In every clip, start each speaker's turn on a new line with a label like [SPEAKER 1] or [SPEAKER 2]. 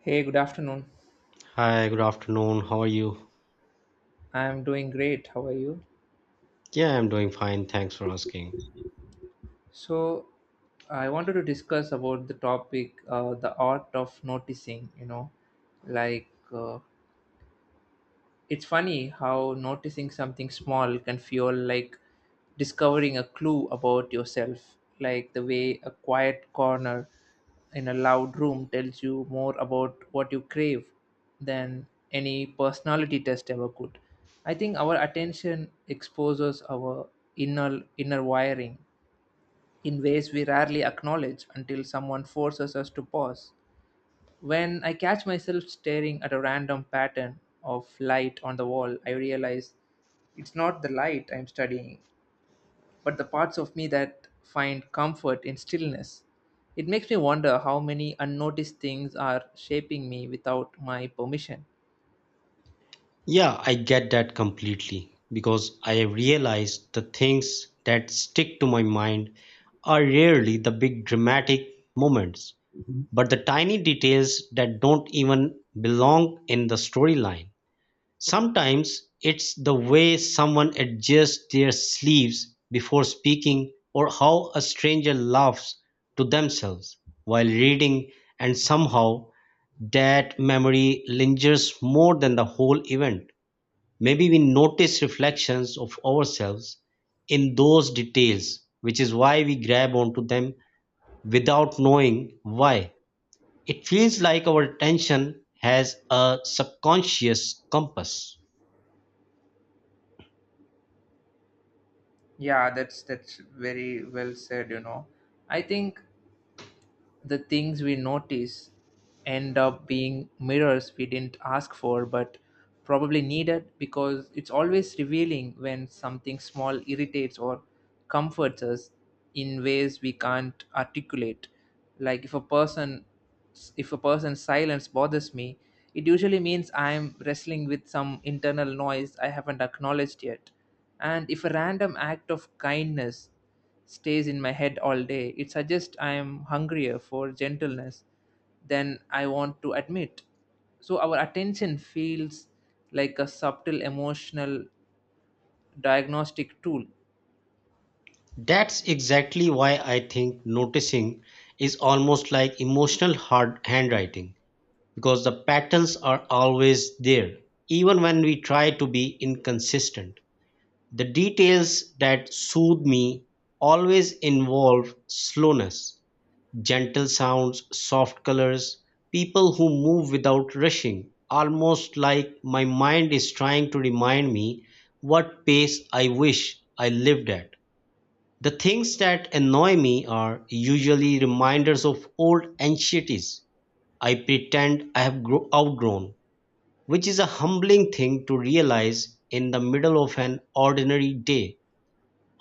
[SPEAKER 1] Hey, good afternoon.
[SPEAKER 2] Hi, good afternoon. How are you?
[SPEAKER 1] I am doing great. How are you?
[SPEAKER 2] Yeah, I'm doing fine. Thanks for asking.
[SPEAKER 1] So, I wanted to discuss about the topic, the art of noticing. Like, it's funny how noticing something small can feel like discovering a clue about yourself, like the way a quiet corner in a loud room tells you more about what you crave than any personality test ever could. I think our attention exposes our inner wiring in ways we rarely acknowledge until someone forces us to pause. When I catch myself staring at a random pattern of light on the wall, I realize it's not the light I'm studying, but the parts of me that find comfort in stillness. It makes me wonder how many unnoticed things are shaping me without my permission.
[SPEAKER 2] Yeah, I get that completely because I realize the things that stick to my mind are rarely the big dramatic moments, but the tiny details that don't even belong in the storyline. Sometimes it's the way someone adjusts their sleeves before speaking or how a stranger laughs to themselves while reading and somehow that memory lingers more than the whole event. Maybe we notice reflections of ourselves in those details, which is why we grab onto them without knowing why. It feels like our attention has a subconscious compass.
[SPEAKER 1] Yeah, that's very well said. I think the things we notice end up being mirrors we didn't ask for, but probably needed, because it's always revealing when something small irritates or comforts us in ways we can't articulate, like if a person's silence bothers me, it usually means I'm wrestling with some internal noise I haven't acknowledged yet. And if a random act of kindness stays in my head all day, it suggests I am hungrier for gentleness than I want to admit. So our attention feels like a subtle emotional diagnostic tool.
[SPEAKER 2] That's exactly why I think noticing is almost like emotional hard handwriting because the patterns are always there, even when we try to be inconsistent. The details that soothe me always involve slowness, gentle sounds, soft colors, people who move without rushing, almost like my mind is trying to remind me what pace I wish I lived at. The things that annoy me are usually reminders of old anxieties I pretend I have outgrown, which is a humbling thing to realize in the middle of an ordinary day.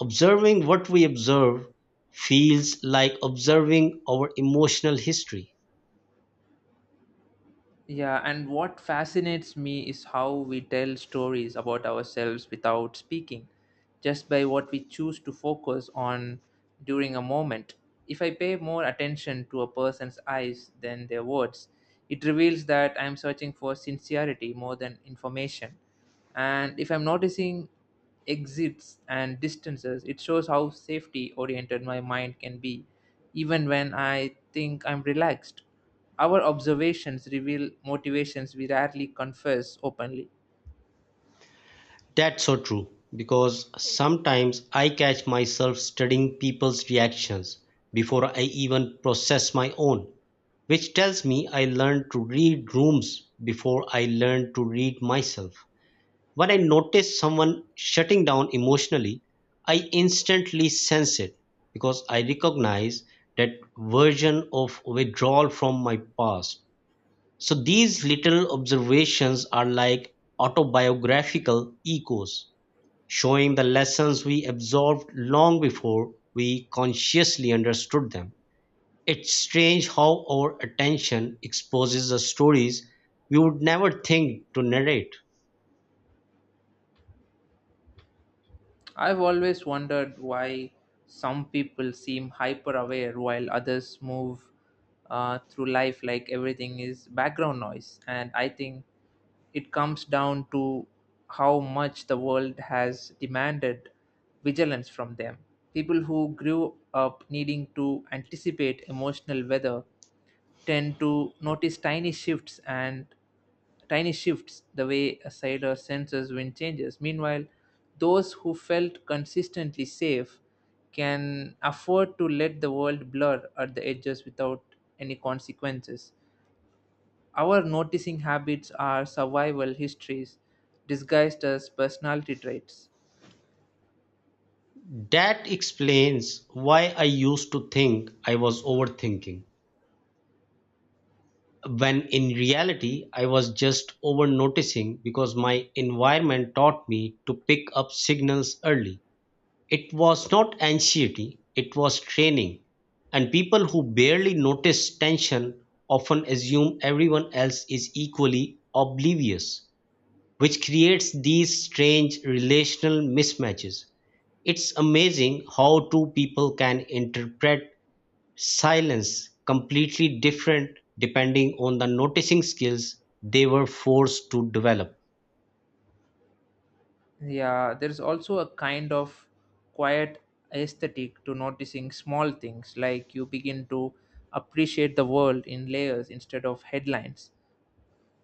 [SPEAKER 2] Observing what we observe feels like observing our emotional history.
[SPEAKER 1] Yeah, and what fascinates me is how we tell stories about ourselves without speaking, just by what we choose to focus on during a moment. If I pay more attention to a person's eyes than their words, it reveals that I am searching for sincerity more than information. And if I'm noticing exits and distances, it shows how safety oriented my mind can be, even when I think I'm relaxed. Our observations reveal motivations we rarely confess openly.
[SPEAKER 2] That's so true because sometimes I catch myself studying people's reactions before I even process my own, which tells me I learned to read rooms before I learned to read myself. When I notice someone shutting down emotionally, I instantly sense it because I recognize that version of withdrawal from my past. So these little observations are like autobiographical echoes showing the lessons we absorbed long before we consciously understood them. It's strange how our attention exposes us stories we would never think to narrate.
[SPEAKER 1] I've always wondered why some people seem hyper aware while others move through life like everything is background noise. And I think it comes down to how much the world has demanded vigilance from them. People who grew up needing to anticipate emotional weather tend to notice tiny shifts the way a sailor senses wind changes. Meanwhile, those who felt consistently safe can afford to let the world blur at the edges without any consequences. Our noticing habits are survival histories disguised as personality traits.
[SPEAKER 2] That explains why I used to think I was overthinking, when in reality, I was just over noticing because my environment taught me to pick up signals early. It was not anxiety, it was training, and people who barely notice tension often assume everyone else is equally oblivious, which creates these strange relational mismatches. It's amazing how two people can interpret silence completely different depending on the noticing skills they were forced to develop.
[SPEAKER 1] Yeah, there's also a kind of quiet aesthetic to noticing small things, like you begin to appreciate the world in layers instead of headlines —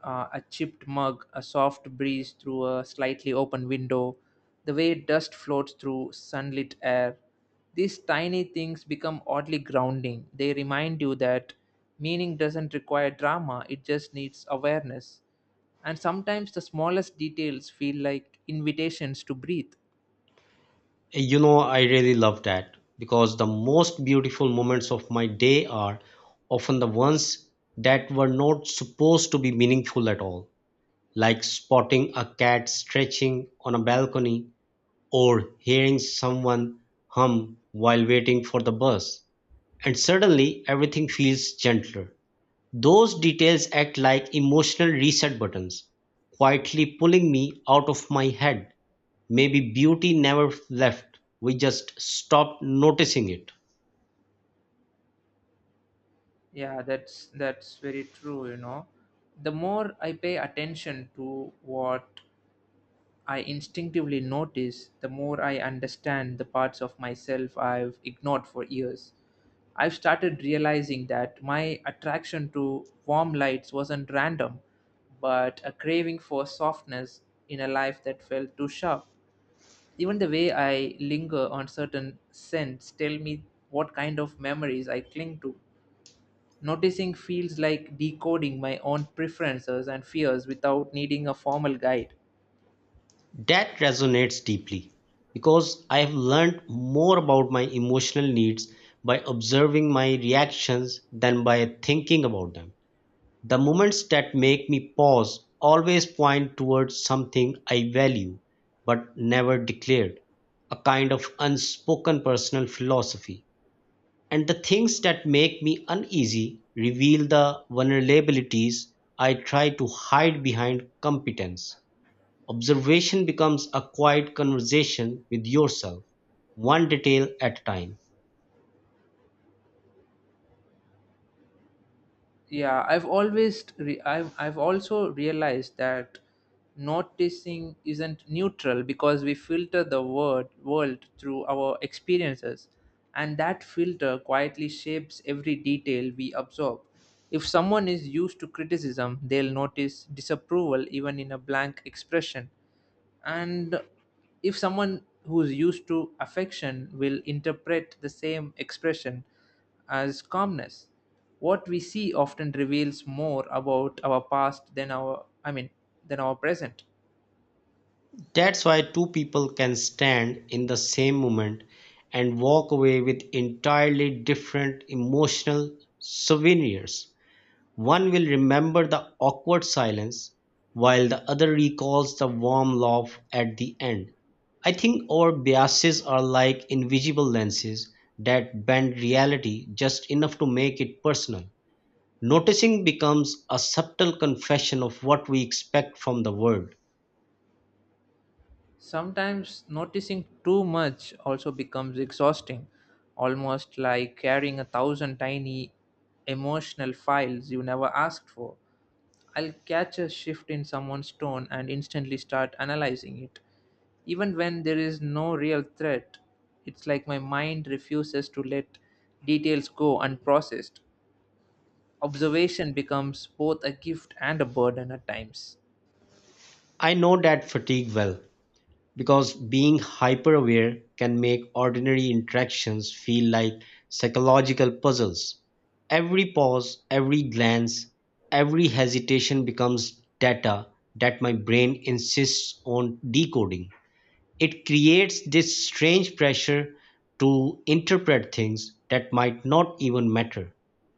[SPEAKER 1] a chipped mug, a soft breeze through a slightly open window, the way dust floats through sunlit air. These tiny things become oddly grounding. They remind you that meaning doesn't require drama, it just needs awareness. And sometimes the smallest details feel like invitations to breathe.
[SPEAKER 2] You know, I really love that because the most beautiful moments of my day are often the ones that were not supposed to be meaningful at all, like spotting a cat stretching on a balcony or hearing someone hum while waiting for the bus. And suddenly everything feels gentler. Those details act like emotional reset buttons, quietly pulling me out of my head. Maybe beauty never left, we just stopped noticing it.
[SPEAKER 1] Yeah, that's very true. The more I pay attention to what I instinctively notice, the more I understand the parts of myself I've ignored for years. I've started realizing that my attraction to warm lights wasn't random, but a craving for softness in a life that felt too sharp. Even the way I linger on certain scents tell me what kind of memories I cling to. Noticing feels like decoding my own preferences and fears without needing a formal guide.
[SPEAKER 2] That resonates deeply because I have learned more about my emotional needs by observing my reactions than by thinking about them. The moments that make me pause always point towards something I value but never declared, a kind of unspoken personal philosophy. And the things that make me uneasy reveal the vulnerabilities I try to hide behind competence. Observation becomes a quiet conversation with yourself, one detail at a time.
[SPEAKER 1] Yeah, I've always re- I've also realized that noticing isn't neutral, because we filter the word world through our experiences, and that filter quietly shapes every detail we absorb. If someone is used to criticism, they'll notice disapproval even in a blank expression. And if someone who's used to affection will interpret the same expression as calmness. What we see often reveals more about our past than our I mean, than our present.
[SPEAKER 2] That's why two people can stand in the same moment and walk away with entirely different emotional souvenirs. One will remember the awkward silence, while the other recalls the warm laugh at the end. I think our biases are like invisible lenses that bend reality just enough to make it personal. Noticing becomes a subtle confession of what we expect from the world.
[SPEAKER 1] Sometimes noticing too much also becomes exhausting, almost like carrying a thousand tiny emotional files you never asked for. I'll catch a shift in someone's tone and instantly start analyzing it. Even when there is no real threat, it's like my mind refuses to let details go unprocessed. Observation becomes both a gift and a burden at times.
[SPEAKER 2] I know that fatigue well, because being hyper-aware can make ordinary interactions feel like psychological puzzles. Every pause, every glance, every hesitation becomes data that my brain insists on decoding. It creates this strange pressure to interpret things that might not even matter.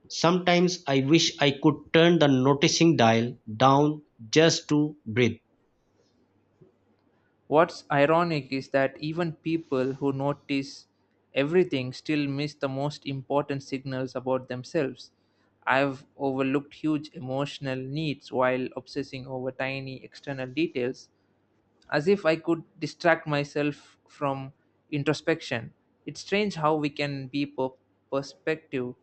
[SPEAKER 2] Sometimes I wish I could turn the noticing dial down just to breathe.
[SPEAKER 1] What's ironic is that even people who notice everything still miss the most important signals about themselves. I've overlooked huge emotional needs while obsessing over tiny external details, as if I could distract myself from introspection. It's strange how we can be perspective,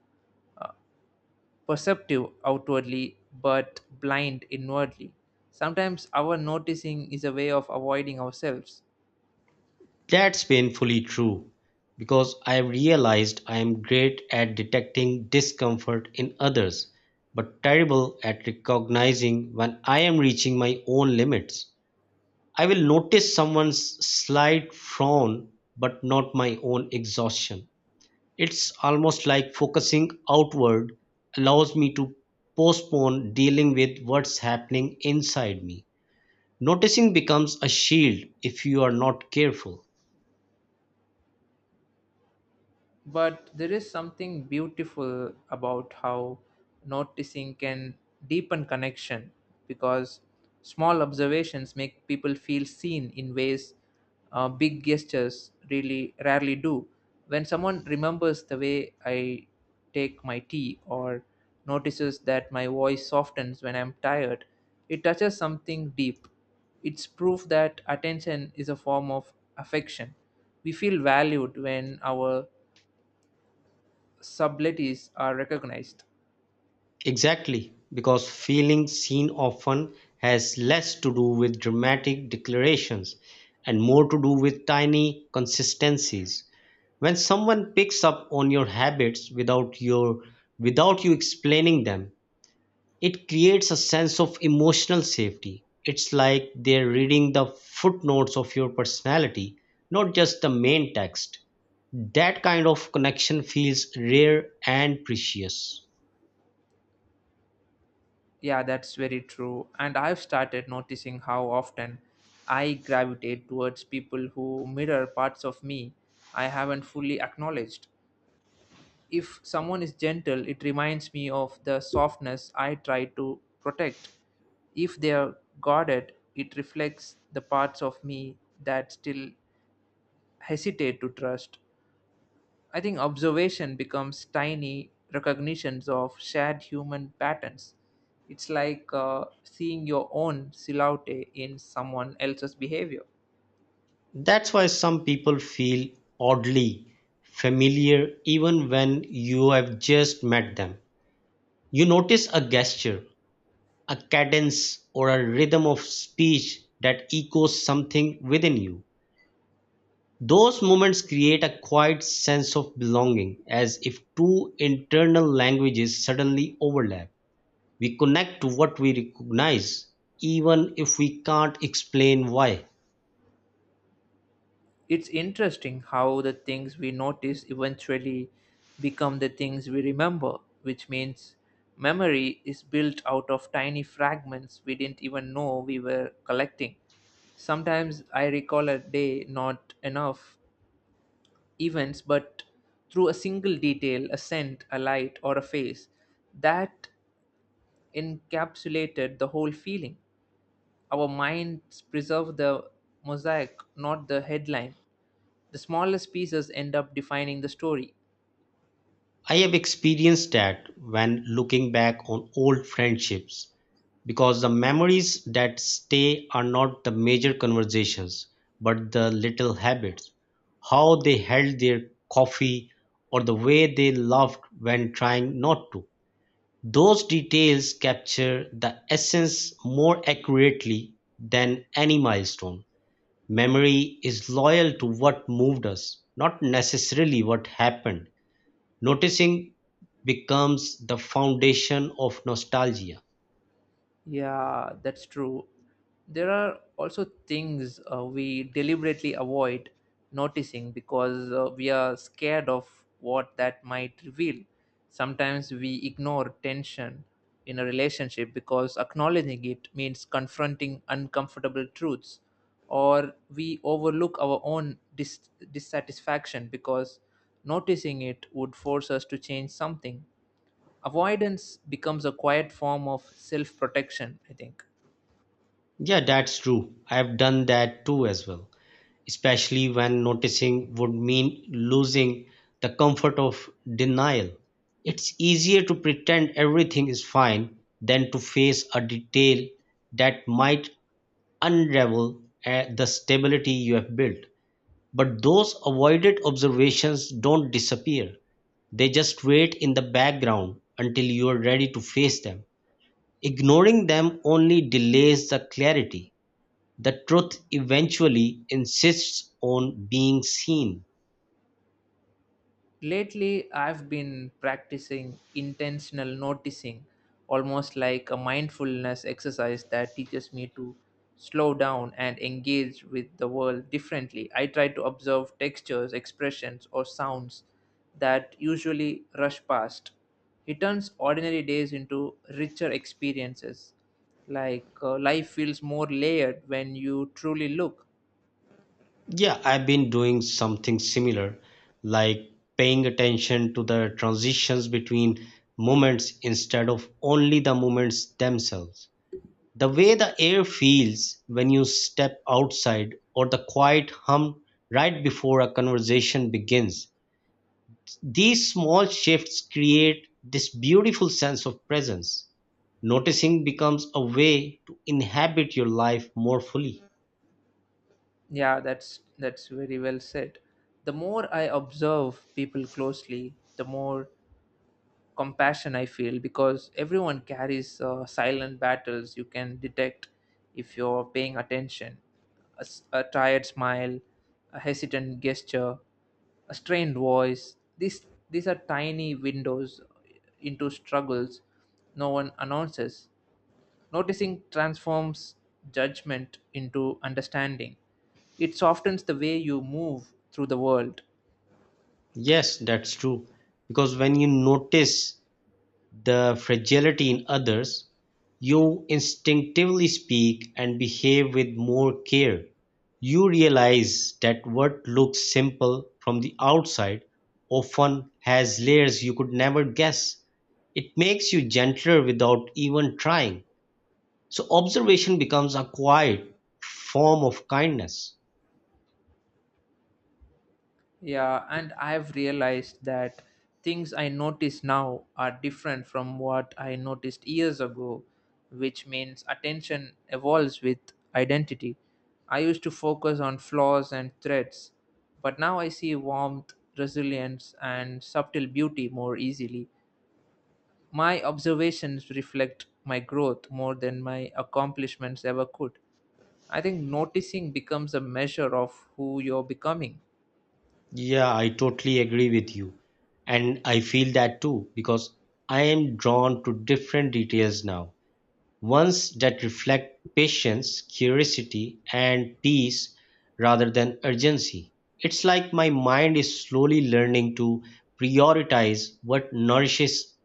[SPEAKER 1] perceptive outwardly but blind inwardly. Sometimes our noticing is a way of avoiding ourselves.
[SPEAKER 2] That's painfully true because I have realized I am great at detecting discomfort in others, but terrible at recognizing when I am reaching my own limits. I will notice someone's slight frown, but not my own exhaustion. It's almost like focusing outward allows me to postpone dealing with what's happening inside me. Noticing becomes a shield if you are not careful.
[SPEAKER 1] But there is something beautiful about how noticing can deepen connection, because small observations make people feel seen in ways big gestures really rarely do. When someone remembers the way I take my tea, or notices that my voice softens when I'm tired, it touches something deep. It's proof that attention is a form of affection. We feel valued when our subtleties are recognized.
[SPEAKER 2] Exactly, because feeling seen often has less to do with dramatic declarations and more to do with tiny consistencies. When someone picks up on your habits without you explaining them, it creates a sense of emotional safety. It's like they're reading the footnotes of your personality, not just the main text. That kind of connection feels rare and precious.
[SPEAKER 1] Yeah, that's very true. And I've started noticing how often I gravitate towards people who mirror parts of me I haven't fully acknowledged. If someone is gentle, it reminds me of the softness I try to protect. If they are guarded, it reflects the parts of me that still hesitate to trust. I think observation becomes tiny recognitions of shared human patterns. It's like seeing your own silhouette in someone else's behavior.
[SPEAKER 2] That's why some people feel oddly familiar even when you have just met them. You notice a gesture, a cadence, or a rhythm of speech that echoes something within you. Those moments create a quiet sense of belonging, as if two internal languages suddenly overlap. We connect to what we recognize, even if we can't explain why.
[SPEAKER 1] It's interesting how the things we notice eventually become the things we remember, which means memory is built out of tiny fragments we didn't even know we were collecting. Sometimes I recall a day not enough events but through a single detail, a scent, a light, or a face that encapsulated the whole feeling. Our minds preserve the mosaic, not the headline. The smallest pieces end up defining the story.
[SPEAKER 2] I have experienced that when looking back on old friendships, because the memories that stay are not the major conversations, but the little habits, how they held their coffee, or the way they laughed when trying not to. Those details capture the essence more accurately than any milestone. Memory is loyal to what moved us, not necessarily what happened. Noticing becomes the foundation of nostalgia.
[SPEAKER 1] Yeah, that's true. There are also things we deliberately avoid noticing, because we are scared of what that might reveal. Sometimes we ignore tension in a relationship because acknowledging it means confronting uncomfortable truths, or we overlook our own dissatisfaction because noticing it would force us to change something. Avoidance becomes a quiet form of self protection, I think.
[SPEAKER 2] Yeah, that's true. I've done that too as well, especially when noticing would mean losing the comfort of denial. It's easier to pretend everything is fine than to face a detail that might unravel the stability you have built. But those avoided observations don't disappear. They just wait in the background until you are ready to face them. Ignoring them only delays the clarity. The truth eventually insists on being seen.
[SPEAKER 1] Lately I've been practicing intentional noticing, almost like a mindfulness exercise that teaches me to slow down and engage with the world differently. I try to observe textures, expressions, or sounds that usually rush past. It turns ordinary days into richer experiences. Like life feels more layered when you truly look.
[SPEAKER 2] Yeah, I've been doing something similar, like paying attention to the transitions between moments instead of only the moments themselves. The way the air feels when you step outside, or the quiet hum right before a conversation begins, these small shifts create this beautiful sense of presence. Noticing becomes a way to inhabit your life more fully.
[SPEAKER 1] Yeah, that's very well said. The more I observe people closely, the more compassion I feel, because everyone carries silent battles you can detect if you're paying attention. A tired smile, a hesitant gesture, a strained voice. These are tiny windows into struggles no one announces. Noticing transforms judgment into understanding. It softens the way you move through the world.
[SPEAKER 2] Yes, that's true. Because when you notice the fragility in others, you instinctively speak and behave with more care. You realize that what looks simple from the outside often has layers you could never guess. It makes you gentler without even trying. So, observation becomes a quiet form of kindness.
[SPEAKER 1] Yeah, and I have realized that things I notice now are different from what I noticed years ago, which means attention evolves with identity. I used to focus on flaws and threats, but now I see warmth, resilience, and subtle beauty more easily. My observations reflect my growth more than my accomplishments ever could. I think noticing becomes a measure of who you're becoming.
[SPEAKER 2] Yeah, I totally agree with you. And I feel that too because I am drawn to different details now, ones that reflect patience, curiosity, and peace rather than urgency. It's like my mind is slowly learning to prioritize what nourishes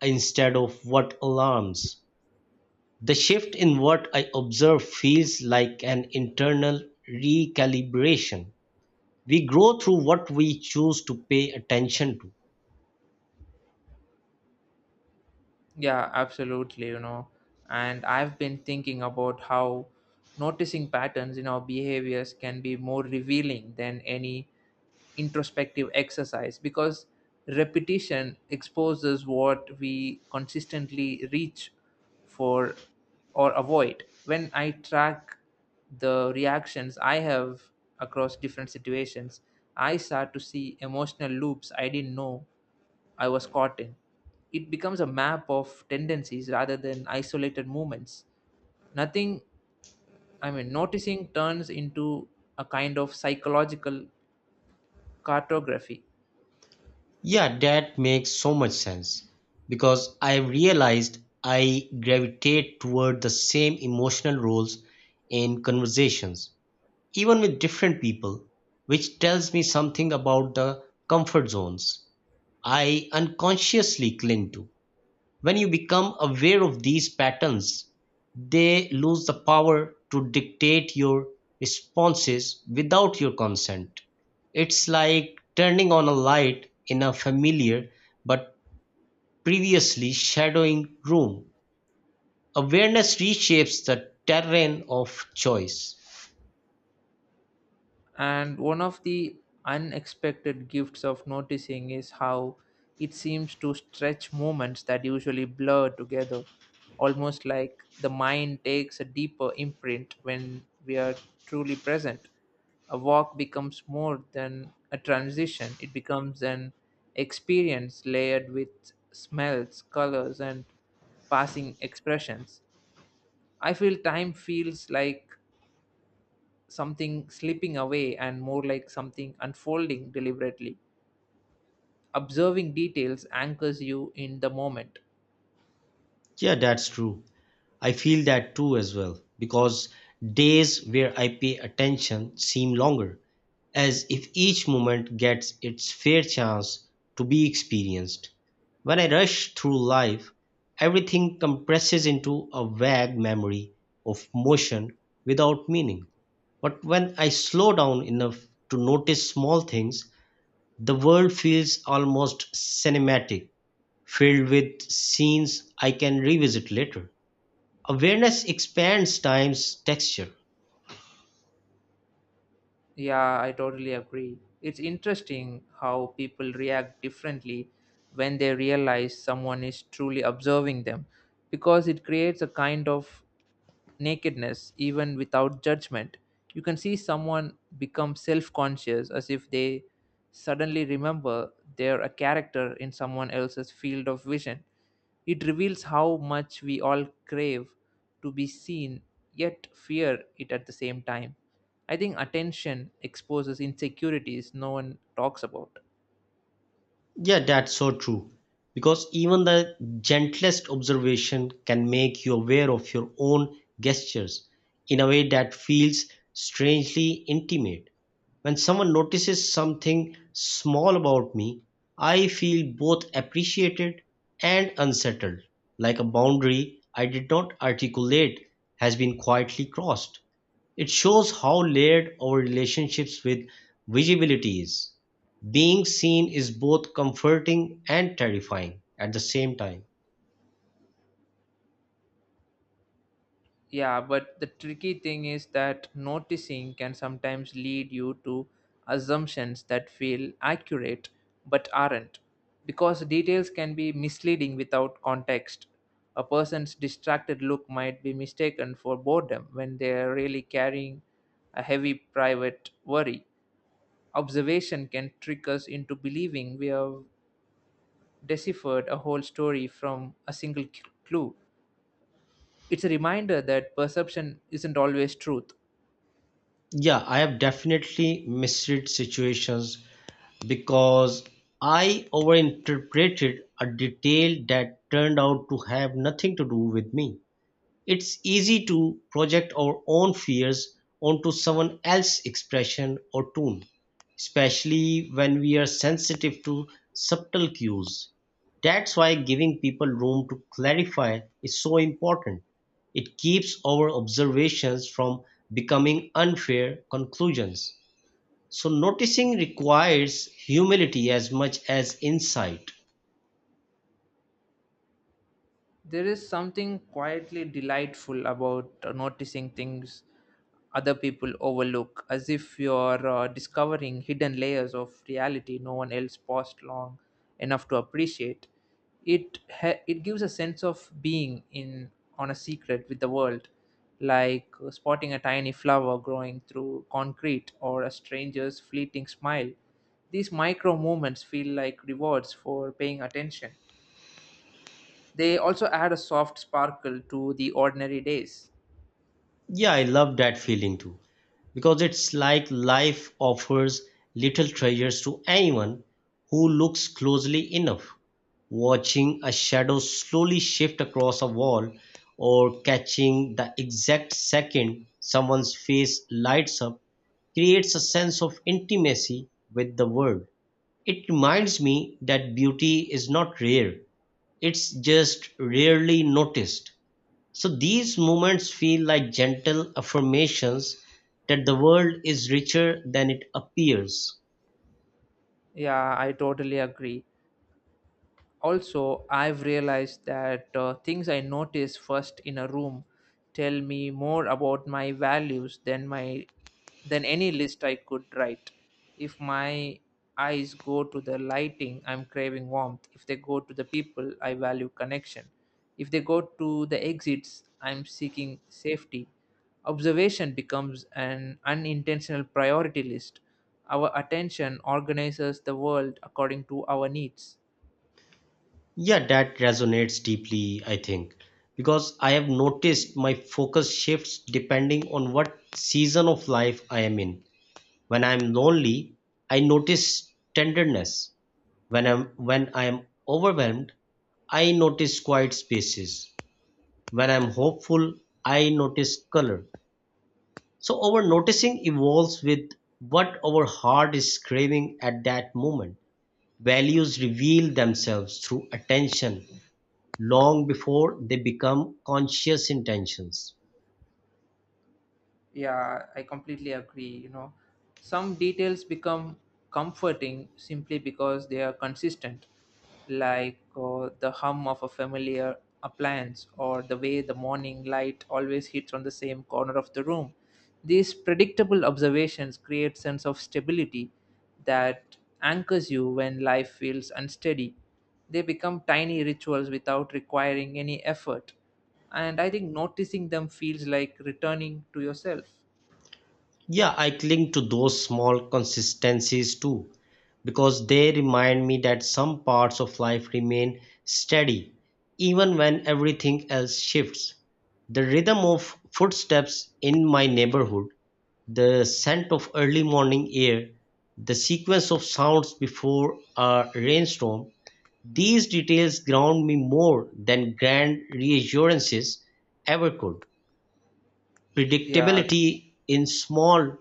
[SPEAKER 2] instead of what alarms. The shift in what I observe feels like an internal recalibration. We grow through what we choose to pay attention to.
[SPEAKER 1] Yeah, absolutely. And I've been thinking about how noticing patterns in our behaviors can be more revealing than any introspective exercise, because repetition exposes what we consistently reach for or avoid. When I track the reactions I have across different situations, I start to see emotional loops I didn't know I was caught in. It becomes a map of tendencies rather than isolated movements. Nothing, I mean, noticing turns into a kind of psychological cartography.
[SPEAKER 2] Yeah, that makes so much sense because I've realized I gravitate toward the same emotional roles in conversations, even with different people, which tells me something about the comfort zones I unconsciously cling to. When you become aware of these patterns, they lose the power to dictate your responses without your consent. It's like turning on a light in a familiar but previously shadowing room. Awareness reshapes the terrain of choice.
[SPEAKER 1] And one of the unexpected gifts of noticing is how it seems to stretch moments that usually blur together, almost like the mind takes a deeper imprint when we are truly present. A walk becomes more than a transition, it becomes an experience layered with smells, colors, and passing expressions. I feel time feels like something slipping away and more like something unfolding deliberately. Observing details anchors you in the moment.
[SPEAKER 2] Yeah, that's true. I feel that too as well, because days where I pay attention seem longer, as if each moment gets its fair chance to be experienced. When I rush through life, everything compresses into a vague memory of motion without meaning. But when I slow down enough to notice small things, the world feels almost cinematic, filled with scenes I can revisit later. Awareness expands time's texture.
[SPEAKER 1] Yeah, I totally agree. It's interesting how people react differently when they realize someone is truly observing them, because it creates a kind of nakedness even without judgment. You can see someone become self-conscious, as if they suddenly remember they're a character in someone else's field of vision. It reveals how much we all crave to be seen, yet fear it at the same time. I think attention exposes insecurities no one talks about.
[SPEAKER 2] Yeah, that's so true because even the gentlest observation can make you aware of your own gestures in a way that feels strangely intimate. When someone notices something small about me, I feel both appreciated and unsettled, like a boundary I did not articulate has been quietly crossed. It shows how layered our relationships with visibility is. Being seen is both comforting and terrifying at the same time.
[SPEAKER 1] Yeah, but the tricky thing is that noticing can sometimes lead you to assumptions that feel accurate but aren't. Because details can be misleading without context. A person's distracted look might be mistaken for boredom when they are really carrying a heavy private worry. Observation can trick us into believing we have deciphered a whole story from a single clue. It's a reminder that perception isn't always truth.
[SPEAKER 2] Yeah, I have definitely misread situations because I overinterpreted a detail that turned out to have nothing to do with me. It's easy to project our own fears onto someone else's expression or tone, especially when we are sensitive to subtle cues. That's why giving people room to clarify is so important. It keeps our observations from becoming unfair conclusions. So, noticing requires humility as much as insight.
[SPEAKER 1] There is something quietly delightful about noticing things other people overlook, as if you're discovering hidden layers of reality no one else paused long enough to appreciate. It gives a sense of being in on a secret with the world, like spotting a tiny flower growing through concrete or a stranger's fleeting smile. These micro moments feel like rewards for paying attention. They also add a soft sparkle to the ordinary days.
[SPEAKER 2] Yeah, I love that feeling too, because it's like life offers little treasures to anyone who looks closely enough. Watching a shadow slowly shift across a wall or catching the exact second someone's face lights up creates a sense of intimacy with the world. It reminds me that beauty is not rare, it's just rarely noticed. So these moments feel like gentle affirmations that the world is richer than it appears.
[SPEAKER 1] Yeah, I totally agree. Also, I've realized that things I notice first in a room tell me more about my values than any list I could write. If my eyes go to the lighting, I'm craving warmth. If they go to the people, I value connection. If they go to the exits, I'm seeking safety. Observation becomes an unintentional priority list. Our attention organizes the world according to our needs.
[SPEAKER 2] Yeah, that resonates deeply, I think, because I have noticed my focus shifts depending on what season of life I am in. When I am lonely, I notice tenderness. When I am overwhelmed, I notice quiet spaces. When I'm hopeful, I notice color. So our noticing evolves with what our heart is craving at that moment. Values reveal themselves through attention long before they become conscious intentions.
[SPEAKER 1] Yeah, I completely agree. Some details become comforting simply because they are consistent, like the hum of a familiar appliance or the way the morning light always hits on the same corner of the room. These predictable observations create sense of stability that anchors you when life feels unsteady. They become tiny rituals without requiring any effort. And I think noticing them feels like returning to yourself.
[SPEAKER 2] Yeah, I cling to those small consistencies too, because they remind me that some parts of life remain steady, even when everything else shifts. The rhythm of footsteps in my neighborhood, the scent of early morning air, the sequence of sounds before a rainstorm, these details ground me more than grand reassurances ever could.
[SPEAKER 1] Yeah,
[SPEAKER 2] Predictability in small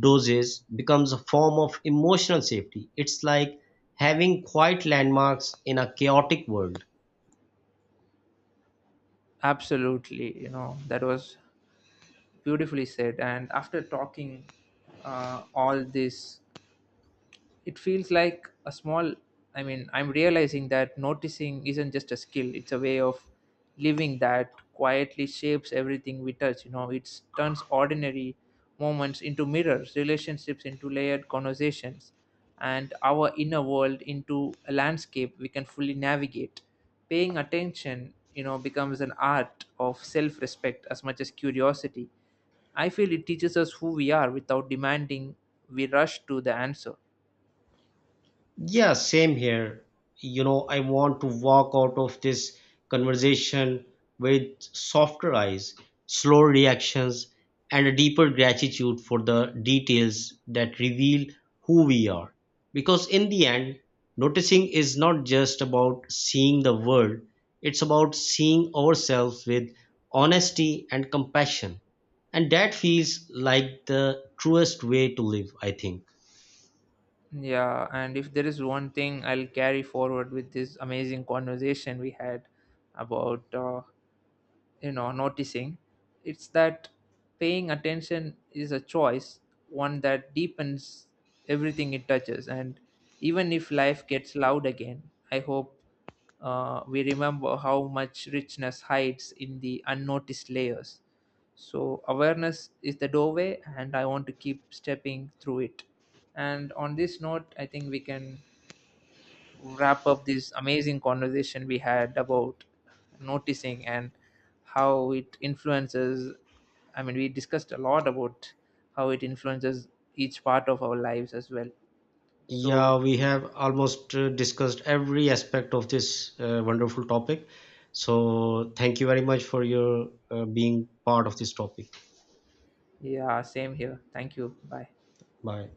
[SPEAKER 2] doses becomes a form of emotional safety. It's like having quiet landmarks in a chaotic world.
[SPEAKER 1] absolutely. That was beautifully said. And after talking all this, it feels like a small I mean, I'm realizing that noticing isn't just a skill, it's a way of living that quietly shapes everything we touch. It turns ordinary moments into mirrors, relationships into layered conversations, and our inner world into a landscape we can fully navigate. Paying attention becomes an art of self respect as much as curiosity. I feel it teaches us who we are without demanding we rush to the answer.
[SPEAKER 2] Yeah, same here. You know, I want to walk out of this conversation with softer eyes, slower reactions, and a deeper gratitude for the details that reveal who we are. Because in the end, noticing is not just about seeing the world, it's about seeing ourselves with honesty and compassion. And that feels like the truest way to live, I think.
[SPEAKER 1] Yeah, and if there is one thing I'll carry forward with this amazing conversation we had about noticing, it's that paying attention is a choice, one that deepens everything it touches. And even if life gets loud again, I hope we remember how much richness hides in the unnoticed layers. So awareness is the doorway, and I want to keep stepping through it. And on this note, I think we can wrap up this amazing conversation we had about noticing and how it influences I mean, we discussed a lot about how it influences each part of our lives as well. So
[SPEAKER 2] Yeah, we have almost discussed every aspect of this wonderful topic. So, thank you very much for your being part of this topic.
[SPEAKER 1] yeah same here thank you bye
[SPEAKER 2] Bye.